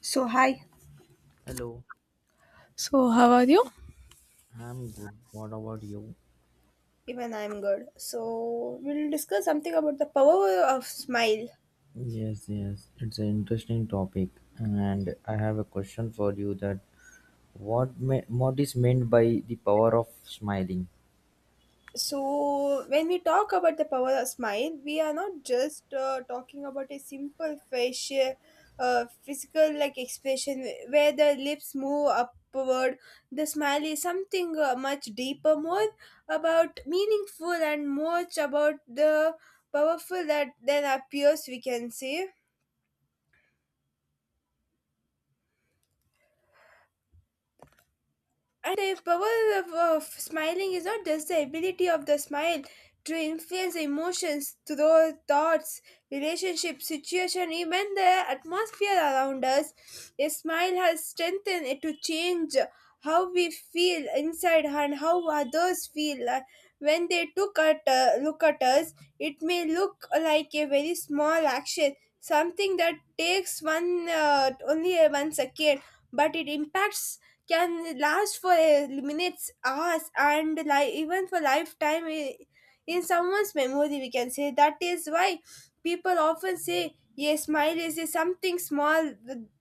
So, hi. Hello, So, how are you? I'm good. What about you? Even I'm good. So, we'll discuss something about the power of smile. Yes, it's an interesting topic, and I have a question for you that what is meant by the power of smiling? So, when we talk about the power of smile, we are not just talking about a simple facial, physical like expression where the lips move upward. The smile is something much deeper, more about meaningful and much about the powerful that then appears, we can say. And the power of smiling is not just the ability of the smile to influence emotions, through thoughts, relationships, situation, even the atmosphere around us. A smile has strengthened it to change how we feel inside and how others feel. When they took at, look at us, it may look like a very small action, something that takes one only a 1 second, but it impacts can last for minutes, hours, and even for lifetime in someone's memory. We can say that is why people often say a smile is a something small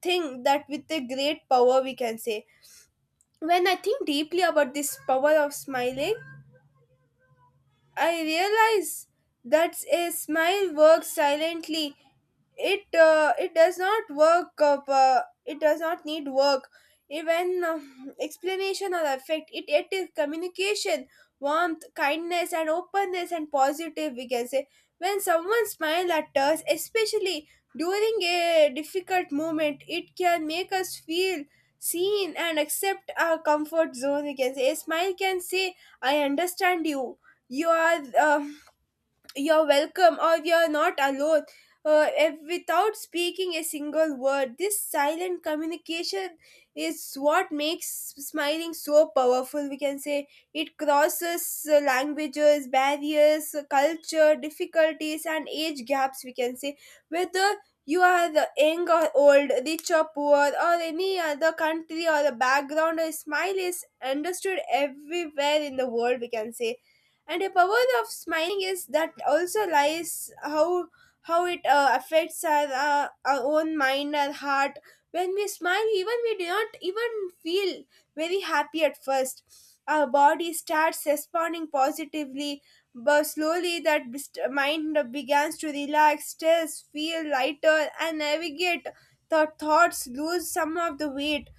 thing that with a great power we can say. When I think deeply about this power of smiling, I realize that a smile works silently. It does not work up. It does not need work, even explanation or effect. It is communication, warmth, kindness, and openness and positive. We can say when someone smiles at us, especially during a difficult moment, it can make us feel seen and accept our comfort zone. We can say a smile can say, "I understand you. You are you're welcome or you're not alone." Without speaking a single word, this silent communication is what makes smiling so powerful, we can say. It crosses languages barriers, culture difficulties, and age gaps, we can say. Whether you are the young or old, rich or poor, or any other country or a background, a smile is understood everywhere in the world, we can say. And the power of smiling is that also lies how it affects our own mind and heart. When we smile, even we do not even feel very happy at first, our body starts responding positively, but slowly that mind begins to relax stress, feel lighter, and navigate the thoughts, lose some of the weight.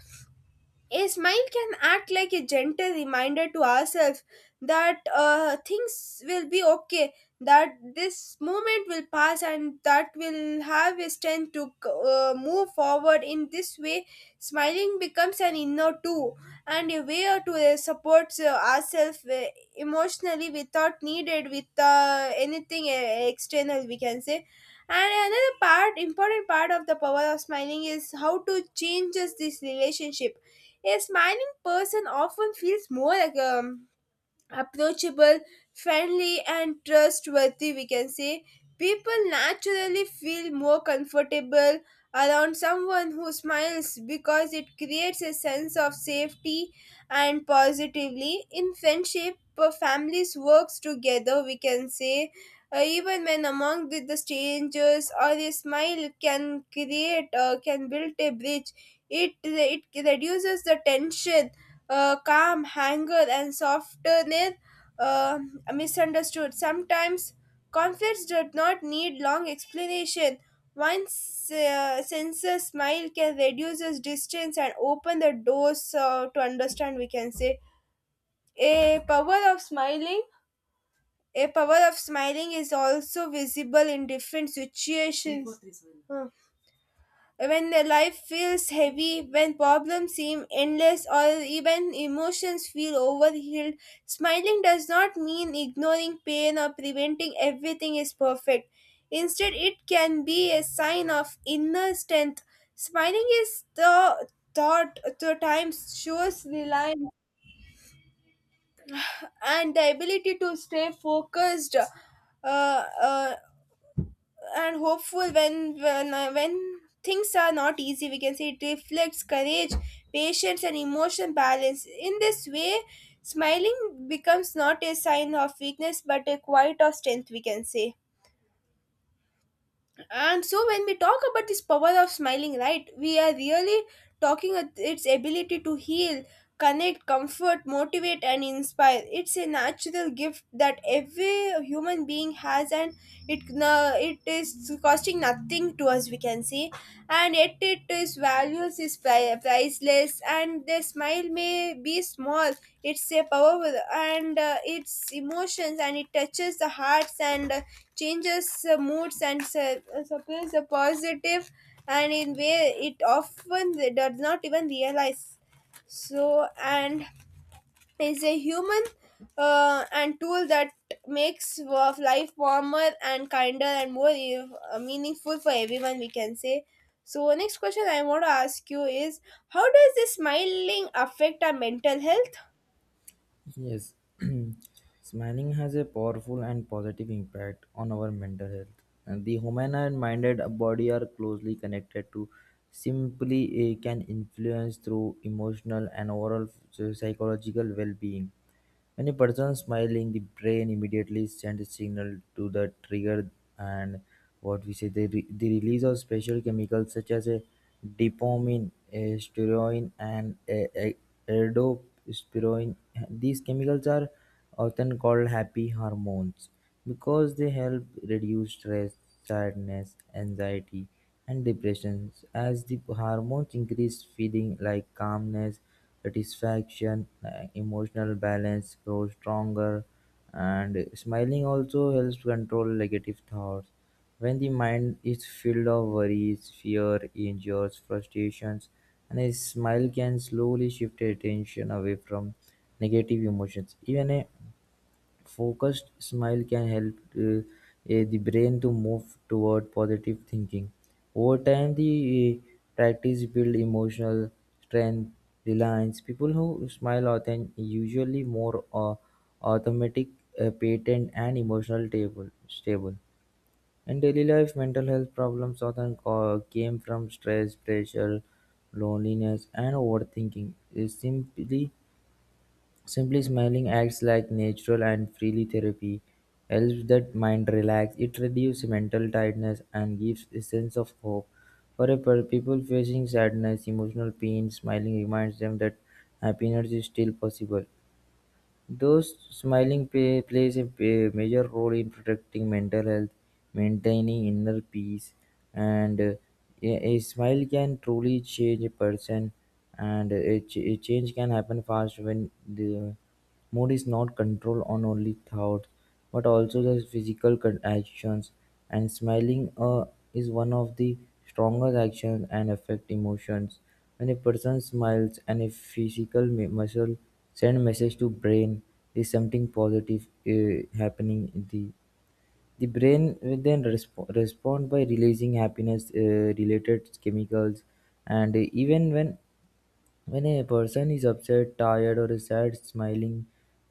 A smile can act like a gentle reminder to ourselves that things will be okay, that this moment will pass, and that will have a strength to move forward. In this way, smiling becomes an inner tool and a way to support ourselves emotionally without needed with anything external, we can say. And another part, important part of the power of smiling is how to changes this relationship. A smiling person often feels more um, approachable, friendly, and trustworthy, we can say. People naturally feel more comfortable around someone who smiles because it creates a sense of safety and positively. In friendship, families works together, we can say. Even when among the strangers, or a smile can create can build a bridge. It reduces the tension, calm, anger, and softness, uh, misunderstood. Sometimes conflicts do not need long explanation. One sincere smile can reduce this distance and open the doors to understand, we can say. A power of smiling. A power of smiling is also visible in different situations. When the life feels heavy, when problems seem endless, or even emotions feel overhealed, smiling does not mean ignoring pain or preventing everything is perfect. Instead, it can be a sign of inner strength. Smiling is the thought to times shows reliance and the ability to stay focused uh, uh, and hopeful when when things are not easy, we can say. It reflects courage, patience, and emotion balance. In this way, smiling becomes not a sign of weakness but a quiet of strength, we can say. And so when we talk about this power of smiling, right, we are really talking at its ability to heal, connect, comfort, motivate and inspire. It's a natural gift that every human being has, and it is costing nothing to us, we can say. And yet it is values is priceless, and their smile may be small, it's a powerful, and it's emotions, and it touches the hearts and changes moods and supplies a positive, and in way it often does not even realize. So and is a human and tool that makes of life warmer and kinder and more meaningful for everyone, we can say. So, next question I want to ask you is, how does this smiling affect our mental health? Yes, smiling has a powerful and positive impact on our mental health. And the human and minded body are closely connected to simply can influence through emotional and overall psychological well-being. When a person smiling, the brain immediately sends a signal to the trigger and what we say, the release of special chemicals such as a dopamine, a steroid and a erdospiroin. These chemicals are often called happy hormones, because they help reduce stress, sadness, anxiety, and depression. As the hormones increase, feeling like calmness, satisfaction, emotional balance grows stronger, and smiling also helps control negative thoughts when the mind is filled of worries, fear, injuries, frustrations, and a smile can slowly shift attention away from negative emotions. Even a focused smile can help the brain to move toward positive thinking. Over time, the eh, practice build emotional strength, reliance. People who smile often usually more automatic, patent, and emotional table, stable. In daily life, mental health problems often came from stress, pressure, loneliness, and overthinking. Simply, smiling acts like natural and freely therapy helps that mind relax. It reduces mental tightness and gives a sense of hope. For people facing sadness, emotional pain, smiling reminds them that happiness is still possible. Those plays a major role in protecting mental health, maintaining inner peace, and a smile can truly change a person. And a change can happen fast when the mood is not controlled on only thoughts, but also the physical actions. And smiling is one of the strongest actions and affect emotions. When a person smiles and a physical muscle send message to brain, "This something positive happening in the brain will then respond by releasing happiness-related chemicals, and even when a person is upset, tired, or sad, smiling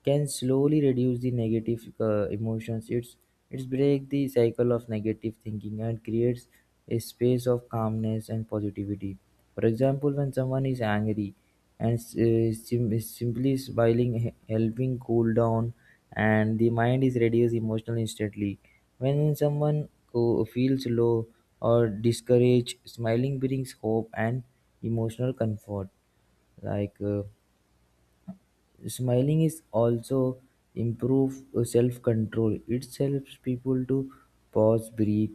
can slowly reduce the negative emotions. It's break the cycle of negative thinking and creates a space of calmness and positivity. For example, when someone is angry and is simply smiling, helping cool down, and the mind is reduced emotionally instantly. When someone who feels low or discouraged, smiling brings hope and emotional comfort like smiling is also improve self-control. It helps people to pause, breathe,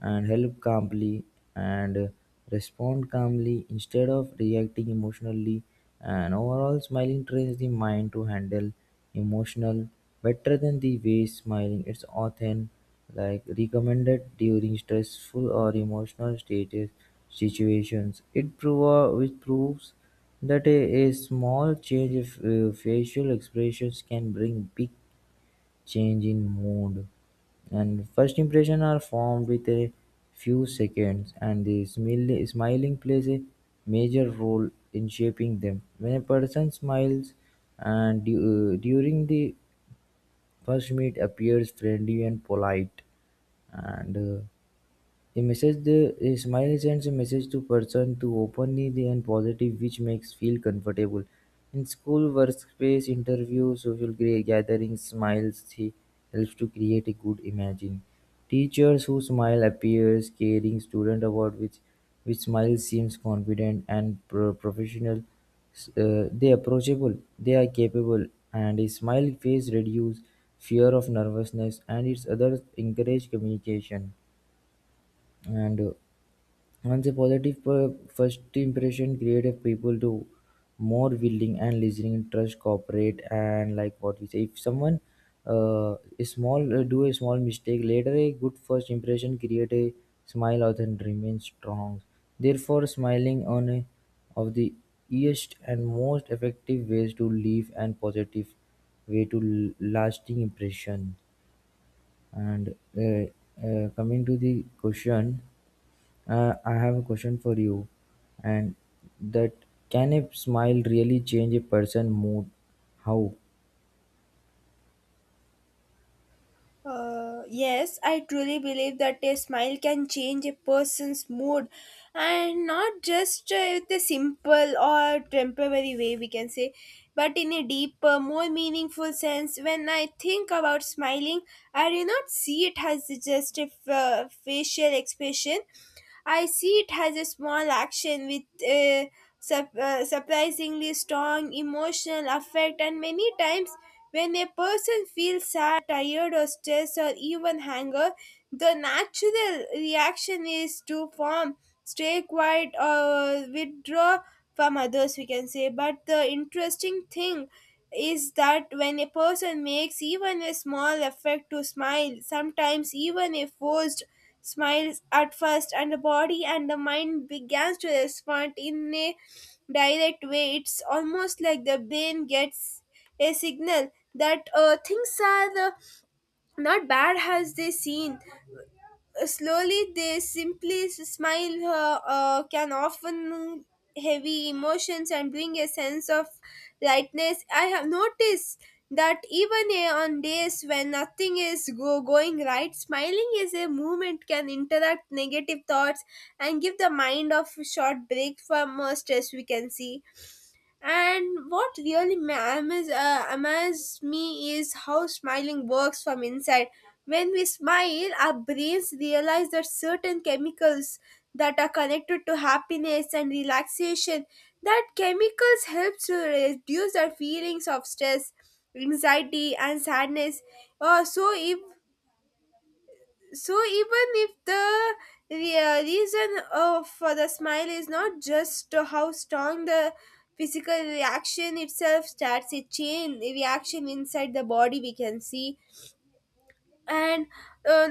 and help calmly and respond calmly instead of reacting emotionally. And overall, smiling trains the mind to handle emotional better than the way smiling. It's often like recommended during stressful or emotional status situations. Which proves that a small change in facial expressions can bring big change in mood. And first impression are formed with a few seconds, and the smiling plays a major role in shaping them. When a person smiles, and during the first meet appears friendly and polite, and a smile sends a message to person to openly the and positive which makes feel comfortable. In school, workspace, interview, social gatherings, smiles he helps to create a good imagine. Teachers who smile appears caring student about which smile seems confident and professional. They approachable, they are capable, and a smile face reduce fear of nervousness and its others encourage communication, and once a positive first impression creative people do more willing and listening trust cooperate, and like what we say if someone is small do a small mistake later. A good first impression create a smile or then remain strong. Therefore, smiling on a of the easiest and most effective ways to leave and positive way to lasting impression, and coming to the question, I have a question for you, and that can a smile really change a person mood? How? Yes, I truly believe that a smile can change a person's mood and not just with a simple or temporary way, we can say, but in a deeper, more meaningful sense. When I think about smiling, I do not see it as just a facial expression. I see it has a small action with a surprisingly strong emotional effect, and many times when a person feels sad, tired, or stressed, or even hunger, the natural reaction is to form, stay quiet, or withdraw from others, we can say. But the interesting thing is that when a person makes even a small effort to smile, sometimes even a forced smiles at first, and the body and the mind begins to respond in a direct way. It's almost like the brain gets a signal that things are not bad as they seem. Slowly they simply smile, can often heavy emotions and bring a sense of lightness. I have noticed that even on days when nothing is going right, smiling is a movement can interact negative thoughts and give the mind of a short break from stress, we can see. And what really amazes me is how smiling works from inside. When we smile, our brains realize that certain chemicals that are connected to happiness and relaxation, that chemicals help to reduce our feelings of stress, anxiety, and sadness. So if even if the reason of for the smile is not just how strong, the physical reaction itself starts a chain reaction inside the body, we can see. And uh,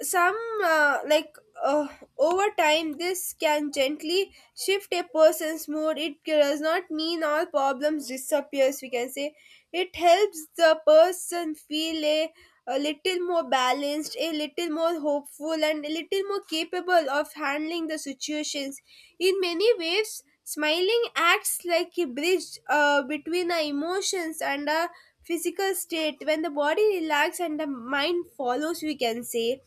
some, uh, like uh, over time this can gently shift a person's mood. It does not mean all problems disappears, we can say. It helps the person feel a little more balanced, a little more hopeful, and a little more capable of handling the situations. In many ways smiling acts like a bridge between our emotions and our physical state, when the body relaxes and the mind follows, we can say.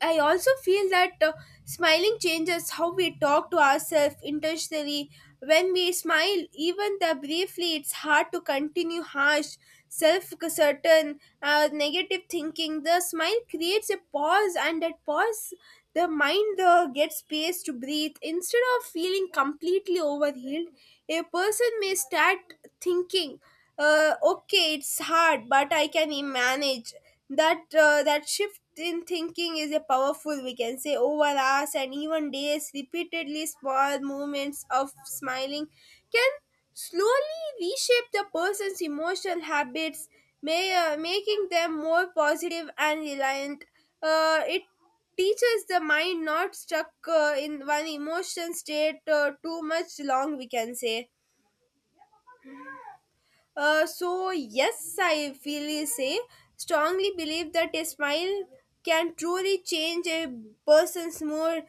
I also feel that smiling changes how we talk to ourselves intentionally. When we smile, even the briefly, it's hard to continue harsh, self-certain, negative thinking. The smile creates a pause, and that pause, the mind gets space to breathe. Instead of feeling completely overhealed, a person may start thinking, "Okay, it's hard, but I can manage." That shift in thinking is a powerful, we can say. Over hours and even days repeatedly, small moments of smiling can slowly reshape the person's emotional habits, may, making them more positive and reliant. It teaches the mind not stuck in one emotion state too much long, we can say. So yes, I feel say strongly believe that a smile can truly change a person's mood.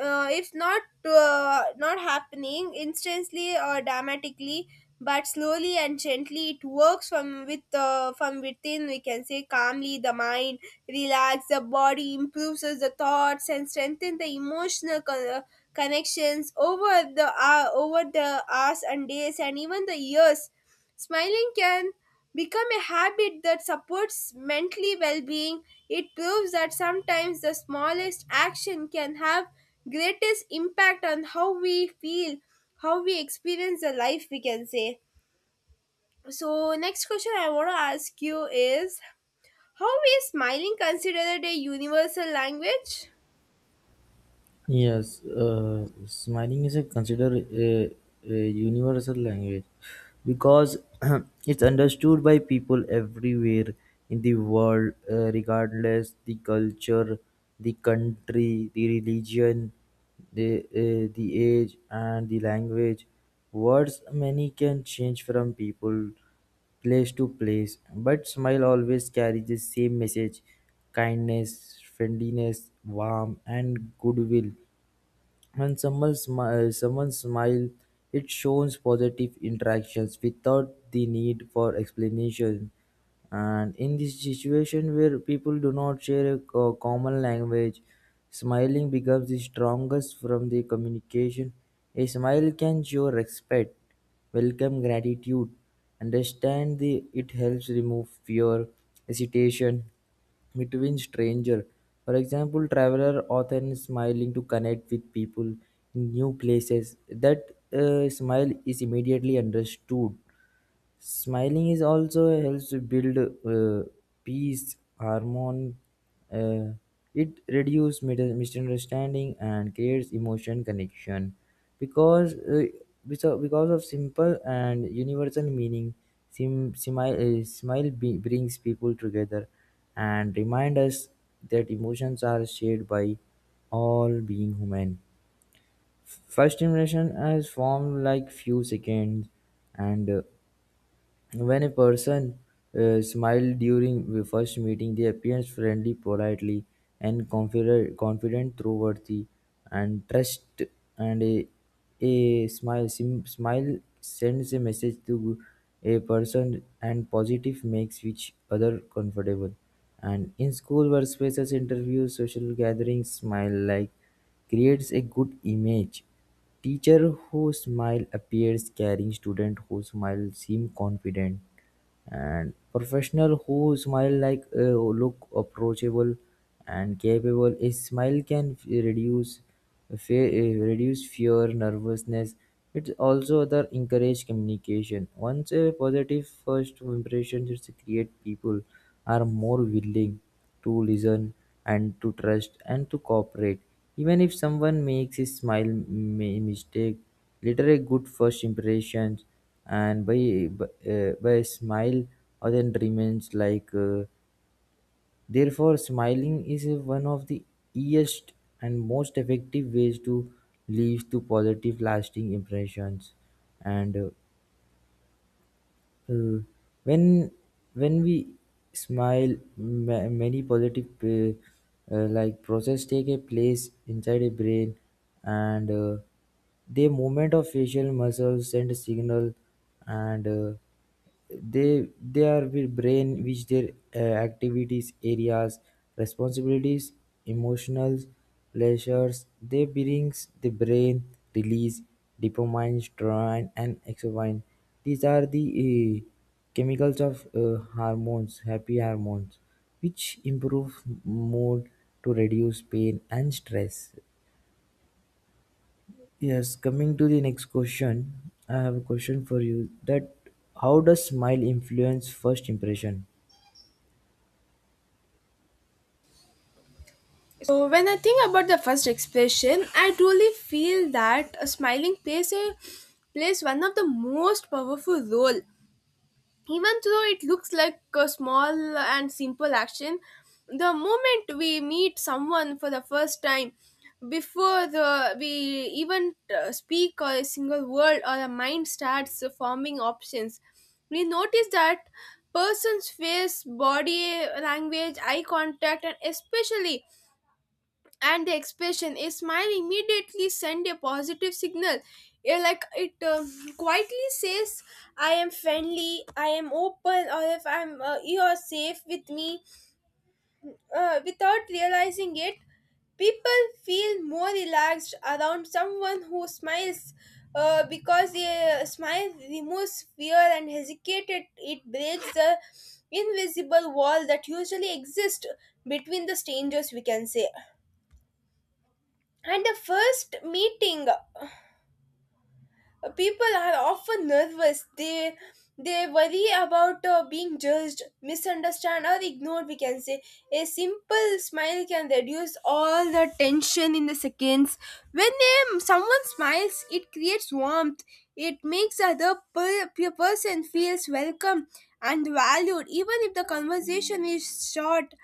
It's not not happening instantly or dramatically, but slowly and gently it works from within. We can say calmly the mind, relax the body, improves the thoughts, and strengthen the emotional connections over the hours and days and even the years. Smiling can become a habit that supports mentally well being. It proves that sometimes the smallest action can have greatest impact on how we feel, how we experience the life, we can say. So, next question I want to ask you is, how is smiling considered a universal language? Yes, smiling is a considered a universal language because it's understood by people everywhere in the world, regardless the culture, the country, the religion, the age, and the language. Words many can change from people place to place, but smile always carries the same message: kindness, friendliness, warmth, and goodwill. When someone smiles, it shows positive interactions without the need for explanation. And in this situation where people do not share a common language, smiling becomes the strongest from the communication. A smile can show respect, welcome gratitude, understand. The it helps remove fear, hesitation, between stranger. For example, traveler often smiling to connect with people in new places. That smile is immediately understood. Smiling is also helps to build peace, harmony. Uh, it reduces misunderstanding and creates emotion connection because because of simple and universal meaning. Brings people together and remind us that emotions are shared by all being human. First impression is formed like few seconds, and when a person smiles during the first meeting, they appear friendly, politely, and confident, trustworthy, and trust. And smile sends a message to a person, and positive makes each other comfortable. And in school workspaces, interviews, social gatherings, smile like creates a good image. Teacher who smile appears caring, student who smile seem confident, and professional, who smile like look approachable and capable. A smile can reduce fear, nervousness. It also other encourage communication. Once a positive first impression is create, people are more willing to listen and to trust and to cooperate. Even if someone makes a smile mistake, later a good first impression and by a smile or remains like therefore smiling is one of the easiest and most effective ways to leave to positive lasting impressions, and uh, when when we smile, many positive like process take a place inside a brain, and the movement of facial muscles send a signal, and they are with brain which their activities, areas, responsibilities, emotionals, pleasures. They brings the brain release dopamine, serotonin, and exocrine. These are the chemicals of hormones, happy hormones, which improve mood to reduce pain and stress. Yes, coming to the next question, I have a question for you that how does smile influence first impression? So, when I think about the first expression, I truly feel that a smiling plays one of the most powerful role, even though it looks like a small and simple action. The moment we meet someone for the first time, before the we even speak or a single word, our mind starts forming options. We notice that person's face, body language, eye contact, and especially and the expression. A smile immediately send a positive signal. Yeah, it quietly says, I am friendly, I am open, or if I'm you are safe with me. Without realizing it, people feel more relaxed around someone who smiles, because a smile removes fear and hesitate. It breaks the invisible wall that usually exists between the strangers, we can say. At the first meeting, people are often nervous. They worry about being judged, misunderstood, or ignored, we can say. A simple smile can reduce all the tension in the seconds. When someone smiles, it creates warmth. It makes the other person feels welcome and valued. Even if the conversation is short,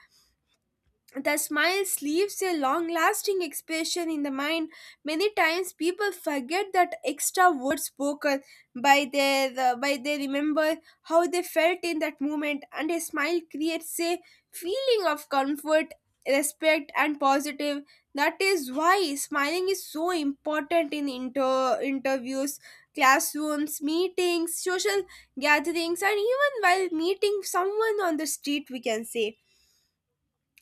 the smile leaves a long lasting expression in the mind. Many times people forget that extra words spoken by their by they remember how they felt in that moment, and a smile creates a feeling of comfort, respect, and positive. That is why smiling is so important in interviews, classrooms, meetings, social gatherings, and even while meeting someone on the street, we can say.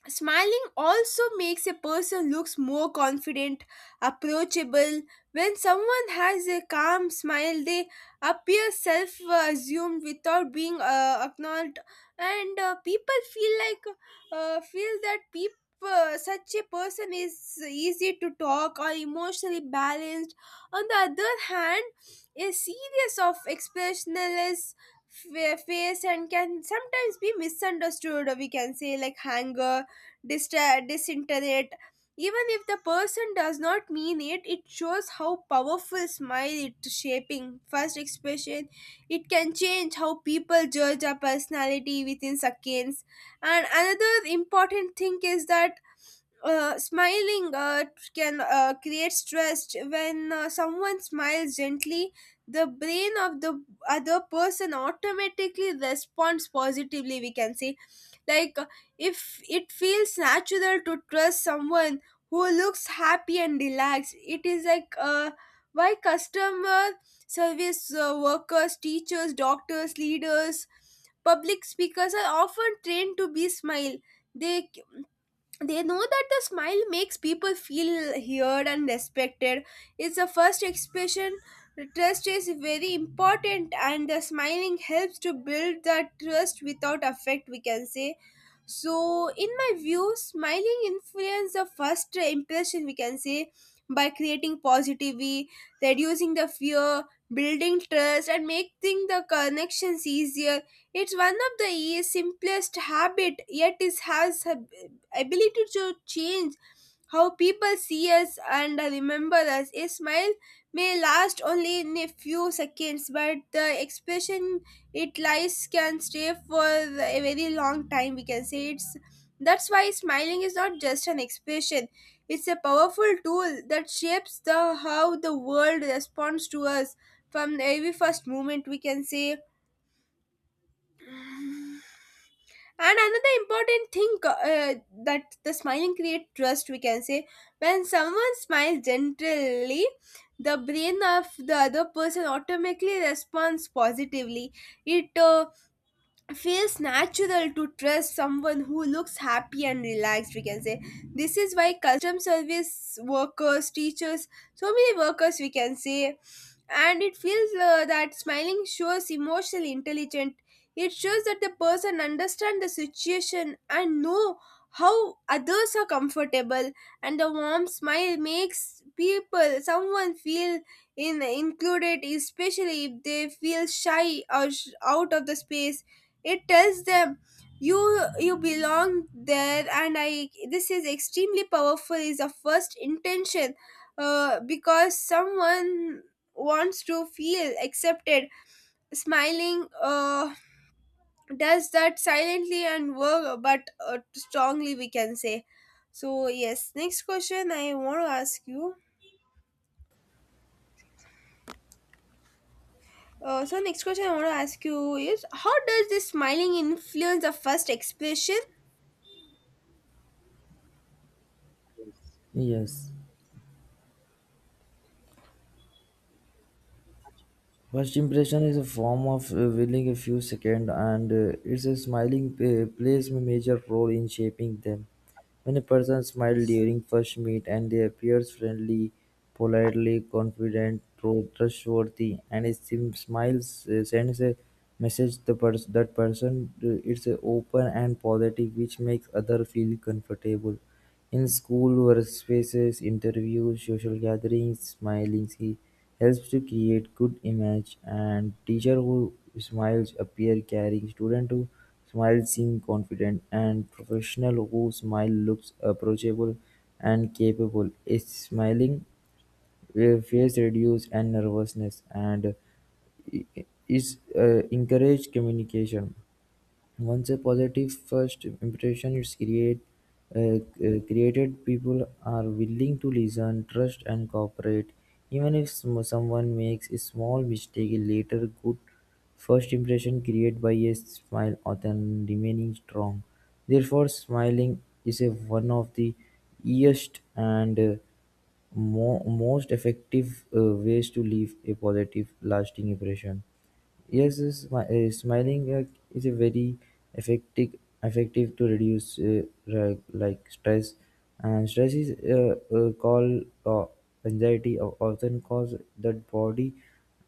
Smiling also makes a person looks more confident, approachable. When someone has a calm smile, they appear self-assumed without being acknowledged, and people feel that people such a person is easy to talk or emotionally balanced. On the other hand, a series of expressionless face and can sometimes be misunderstood. We can say like anger, disintegrate. Even if the person does not mean it, it shows how powerful smile it shaping first expression. It can change how people judge a personality within seconds. And another important thing is that smiling can create stress. When someone smiles gently, the brain of the other person automatically responds positively, we can say, like, uh, if it feels natural to trust someone who looks happy and relaxed. It is why customer service workers, teachers, doctors, leaders, public speakers are often trained to be smile. They they know that the smile makes people feel heard and respected. It's the first expression. Trust is very important, and the smiling helps to build that trust without affect, we can say. So, in my view, smiling influence the first impression, we can say, by creating positivity, reducing the fear, building trust, and making the connections easier. It's one of the simplest habit, yet it has ability to change how people see us and remember us. A smile may last only in a few seconds, but the expression it lies can stay for a very long time, we can say. It's that's why smiling is not just an expression. It's a powerful tool that shapes the how the world responds to us from the very first moment, we can say. And another important thing, that the smiling create trust, we can say. When someone smiles gently, the brain of the other person automatically responds positively. It feels natural to trust someone who looks happy and relaxed, we can say. This is why custom service workers, teachers, so many workers, we can say. And it feels that smiling shows emotional intelligence. It shows that the person understands the situation and know how others are comfortable. And the warm smile makes people someone feel in included, especially if they feel shy or out of the space. It tells them, you you belong there. And I this is extremely powerful is the first intention, because someone wants to feel accepted. Smiling does that silently and work but strongly, we can say. So yes next question I want to ask you So next question I want to ask you is how does this smiling influence the first expression. Yes. First impression is a form of willing a few seconds, and it's a smiling plays a major role in shaping them. When a person smiles during first meet and they appears friendly, politely, confident, trustworthy, and it seems smiles sends a message that person it's a open and positive, which makes other feel comfortable. In school workspaces, interviews, social gatherings, smiling helps to create good image, and teacher who smiles appear caring, student who smiles seem confident and professional who smile looks approachable and capable. Is smiling face reduce and nervousness and is encourage communication. Once a positive first impression is created, people are willing to listen, trust, and cooperate. Even if someone makes a small mistake, a later good first impression created by a smile or then remaining strong. Therefore, smiling is one of the easiest and most effective ways to leave a positive, lasting impression. Smiling is a very effective effective to reduce re- like stress, and stress is called anxiety often cause that body,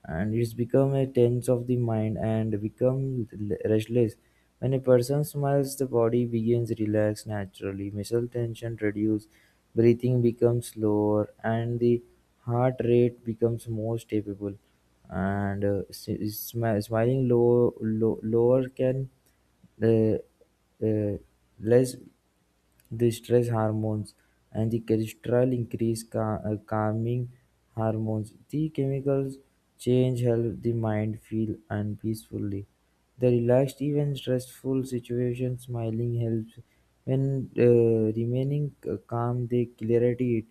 and it's become a tense of the mind and become restless. When a person smiles, the body begins relax naturally, muscle tension reduce, breathing becomes slower, and the heart rate becomes more stable, and smiling lower can uh, uh, less the stress hormones and the cholesterol increase calming hormones. The chemicals change help the mind feel and peacefully. The relaxed, even stressful situation, smiling helps. When remaining calm, the clarity it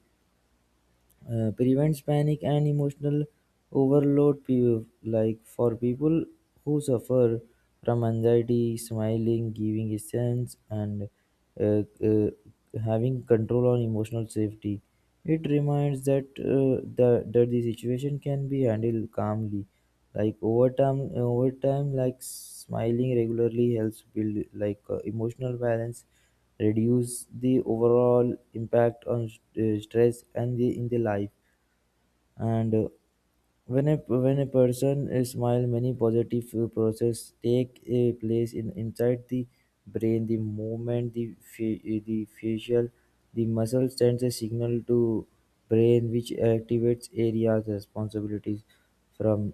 prevents panic and emotional overload like for people who suffer from anxiety smiling giving a sense, and uh, uh, having control on emotional safety. It reminds that that the situation can be handled calmly. Like over time like smiling regularly helps build like emotional balance, reduce the overall impact on stress and the in the life, and when a person smile, many positive process take a place in inside the brain, the movement the facial the muscle sends a signal to brain which activates areas from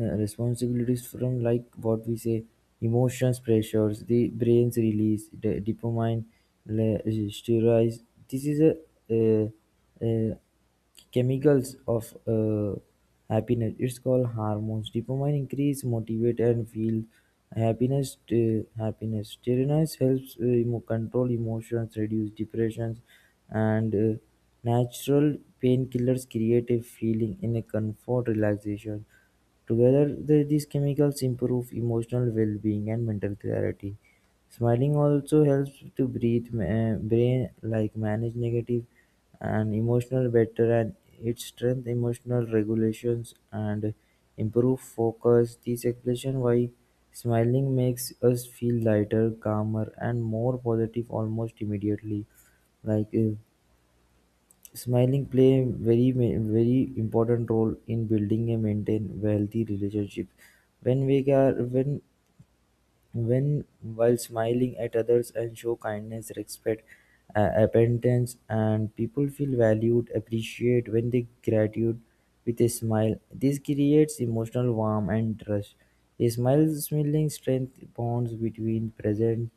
responsibilities from like what we say emotions pressures. The brain's release the dopamine, le- steroids. this is a, uh uh Chemicals of happiness, it's called hormones. Dopamine increase motivate and feel happiness, happiness steroids helps control emotions, reduce depressions, and natural painkillers create a feeling in a comfort relaxation. Together, these chemicals improve emotional well-being and mental clarity. Smiling also helps to breathe brain like manage negative and emotional better, and it strengthens emotional regulations and improve focus. This explanation why smiling makes us feel lighter, calmer and more positive almost immediately. Like smiling play a very very important role in building and maintain healthy relationship. When we are when while smiling at others and show kindness, respect, abundance, and people feel valued, appreciate when they gratitude with a smile. This creates emotional warmth and trust. A smile, smiling strength bonds between present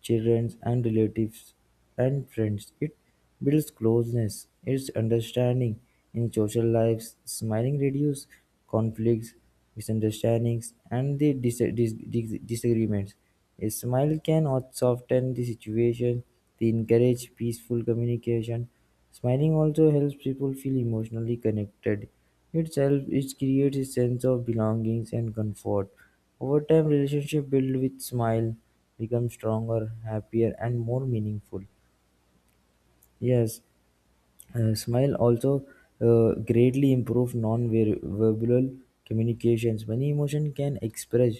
children and relatives and friends. It builds closeness, it's understanding in social lives. Smiling reduces conflicts, misunderstandings, and the disagreements. A smile can also soften the situation, they encourage peaceful communication. Smiling also helps people feel emotionally connected. Itself, it creates a sense of belonging and comfort. Over time, relationship built with smile become stronger, happier, and more meaningful. Yes, smile also greatly improve non-verbal communications. Many emotion can express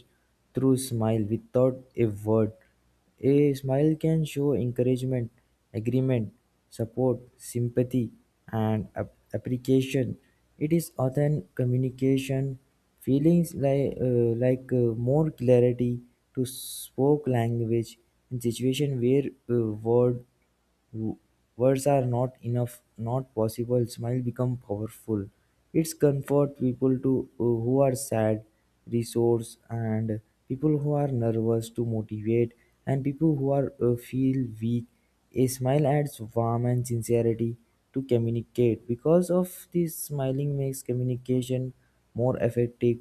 through smile without a word. A smile can show encouragement, agreement, support, sympathy, and appreciation. It is often communication feelings like more clarity to spoke language in situation where W- words are not enough, not possible. Smile become powerful. It's comfort people to who are sad, resource, and people who are nervous to motivate, and people who are feel weak. A smile adds warmth and sincerity to communicate. Because of this, smiling makes communication more effective,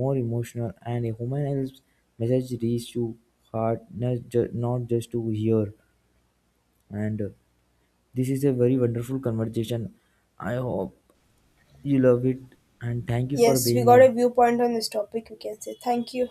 more emotional, and a human helps message reach to heart, not just to hear and. This is a very wonderful conversation. I hope you love it and thank you for Yes, we being got a here. viewpoint on this topic, we can say. Thank you.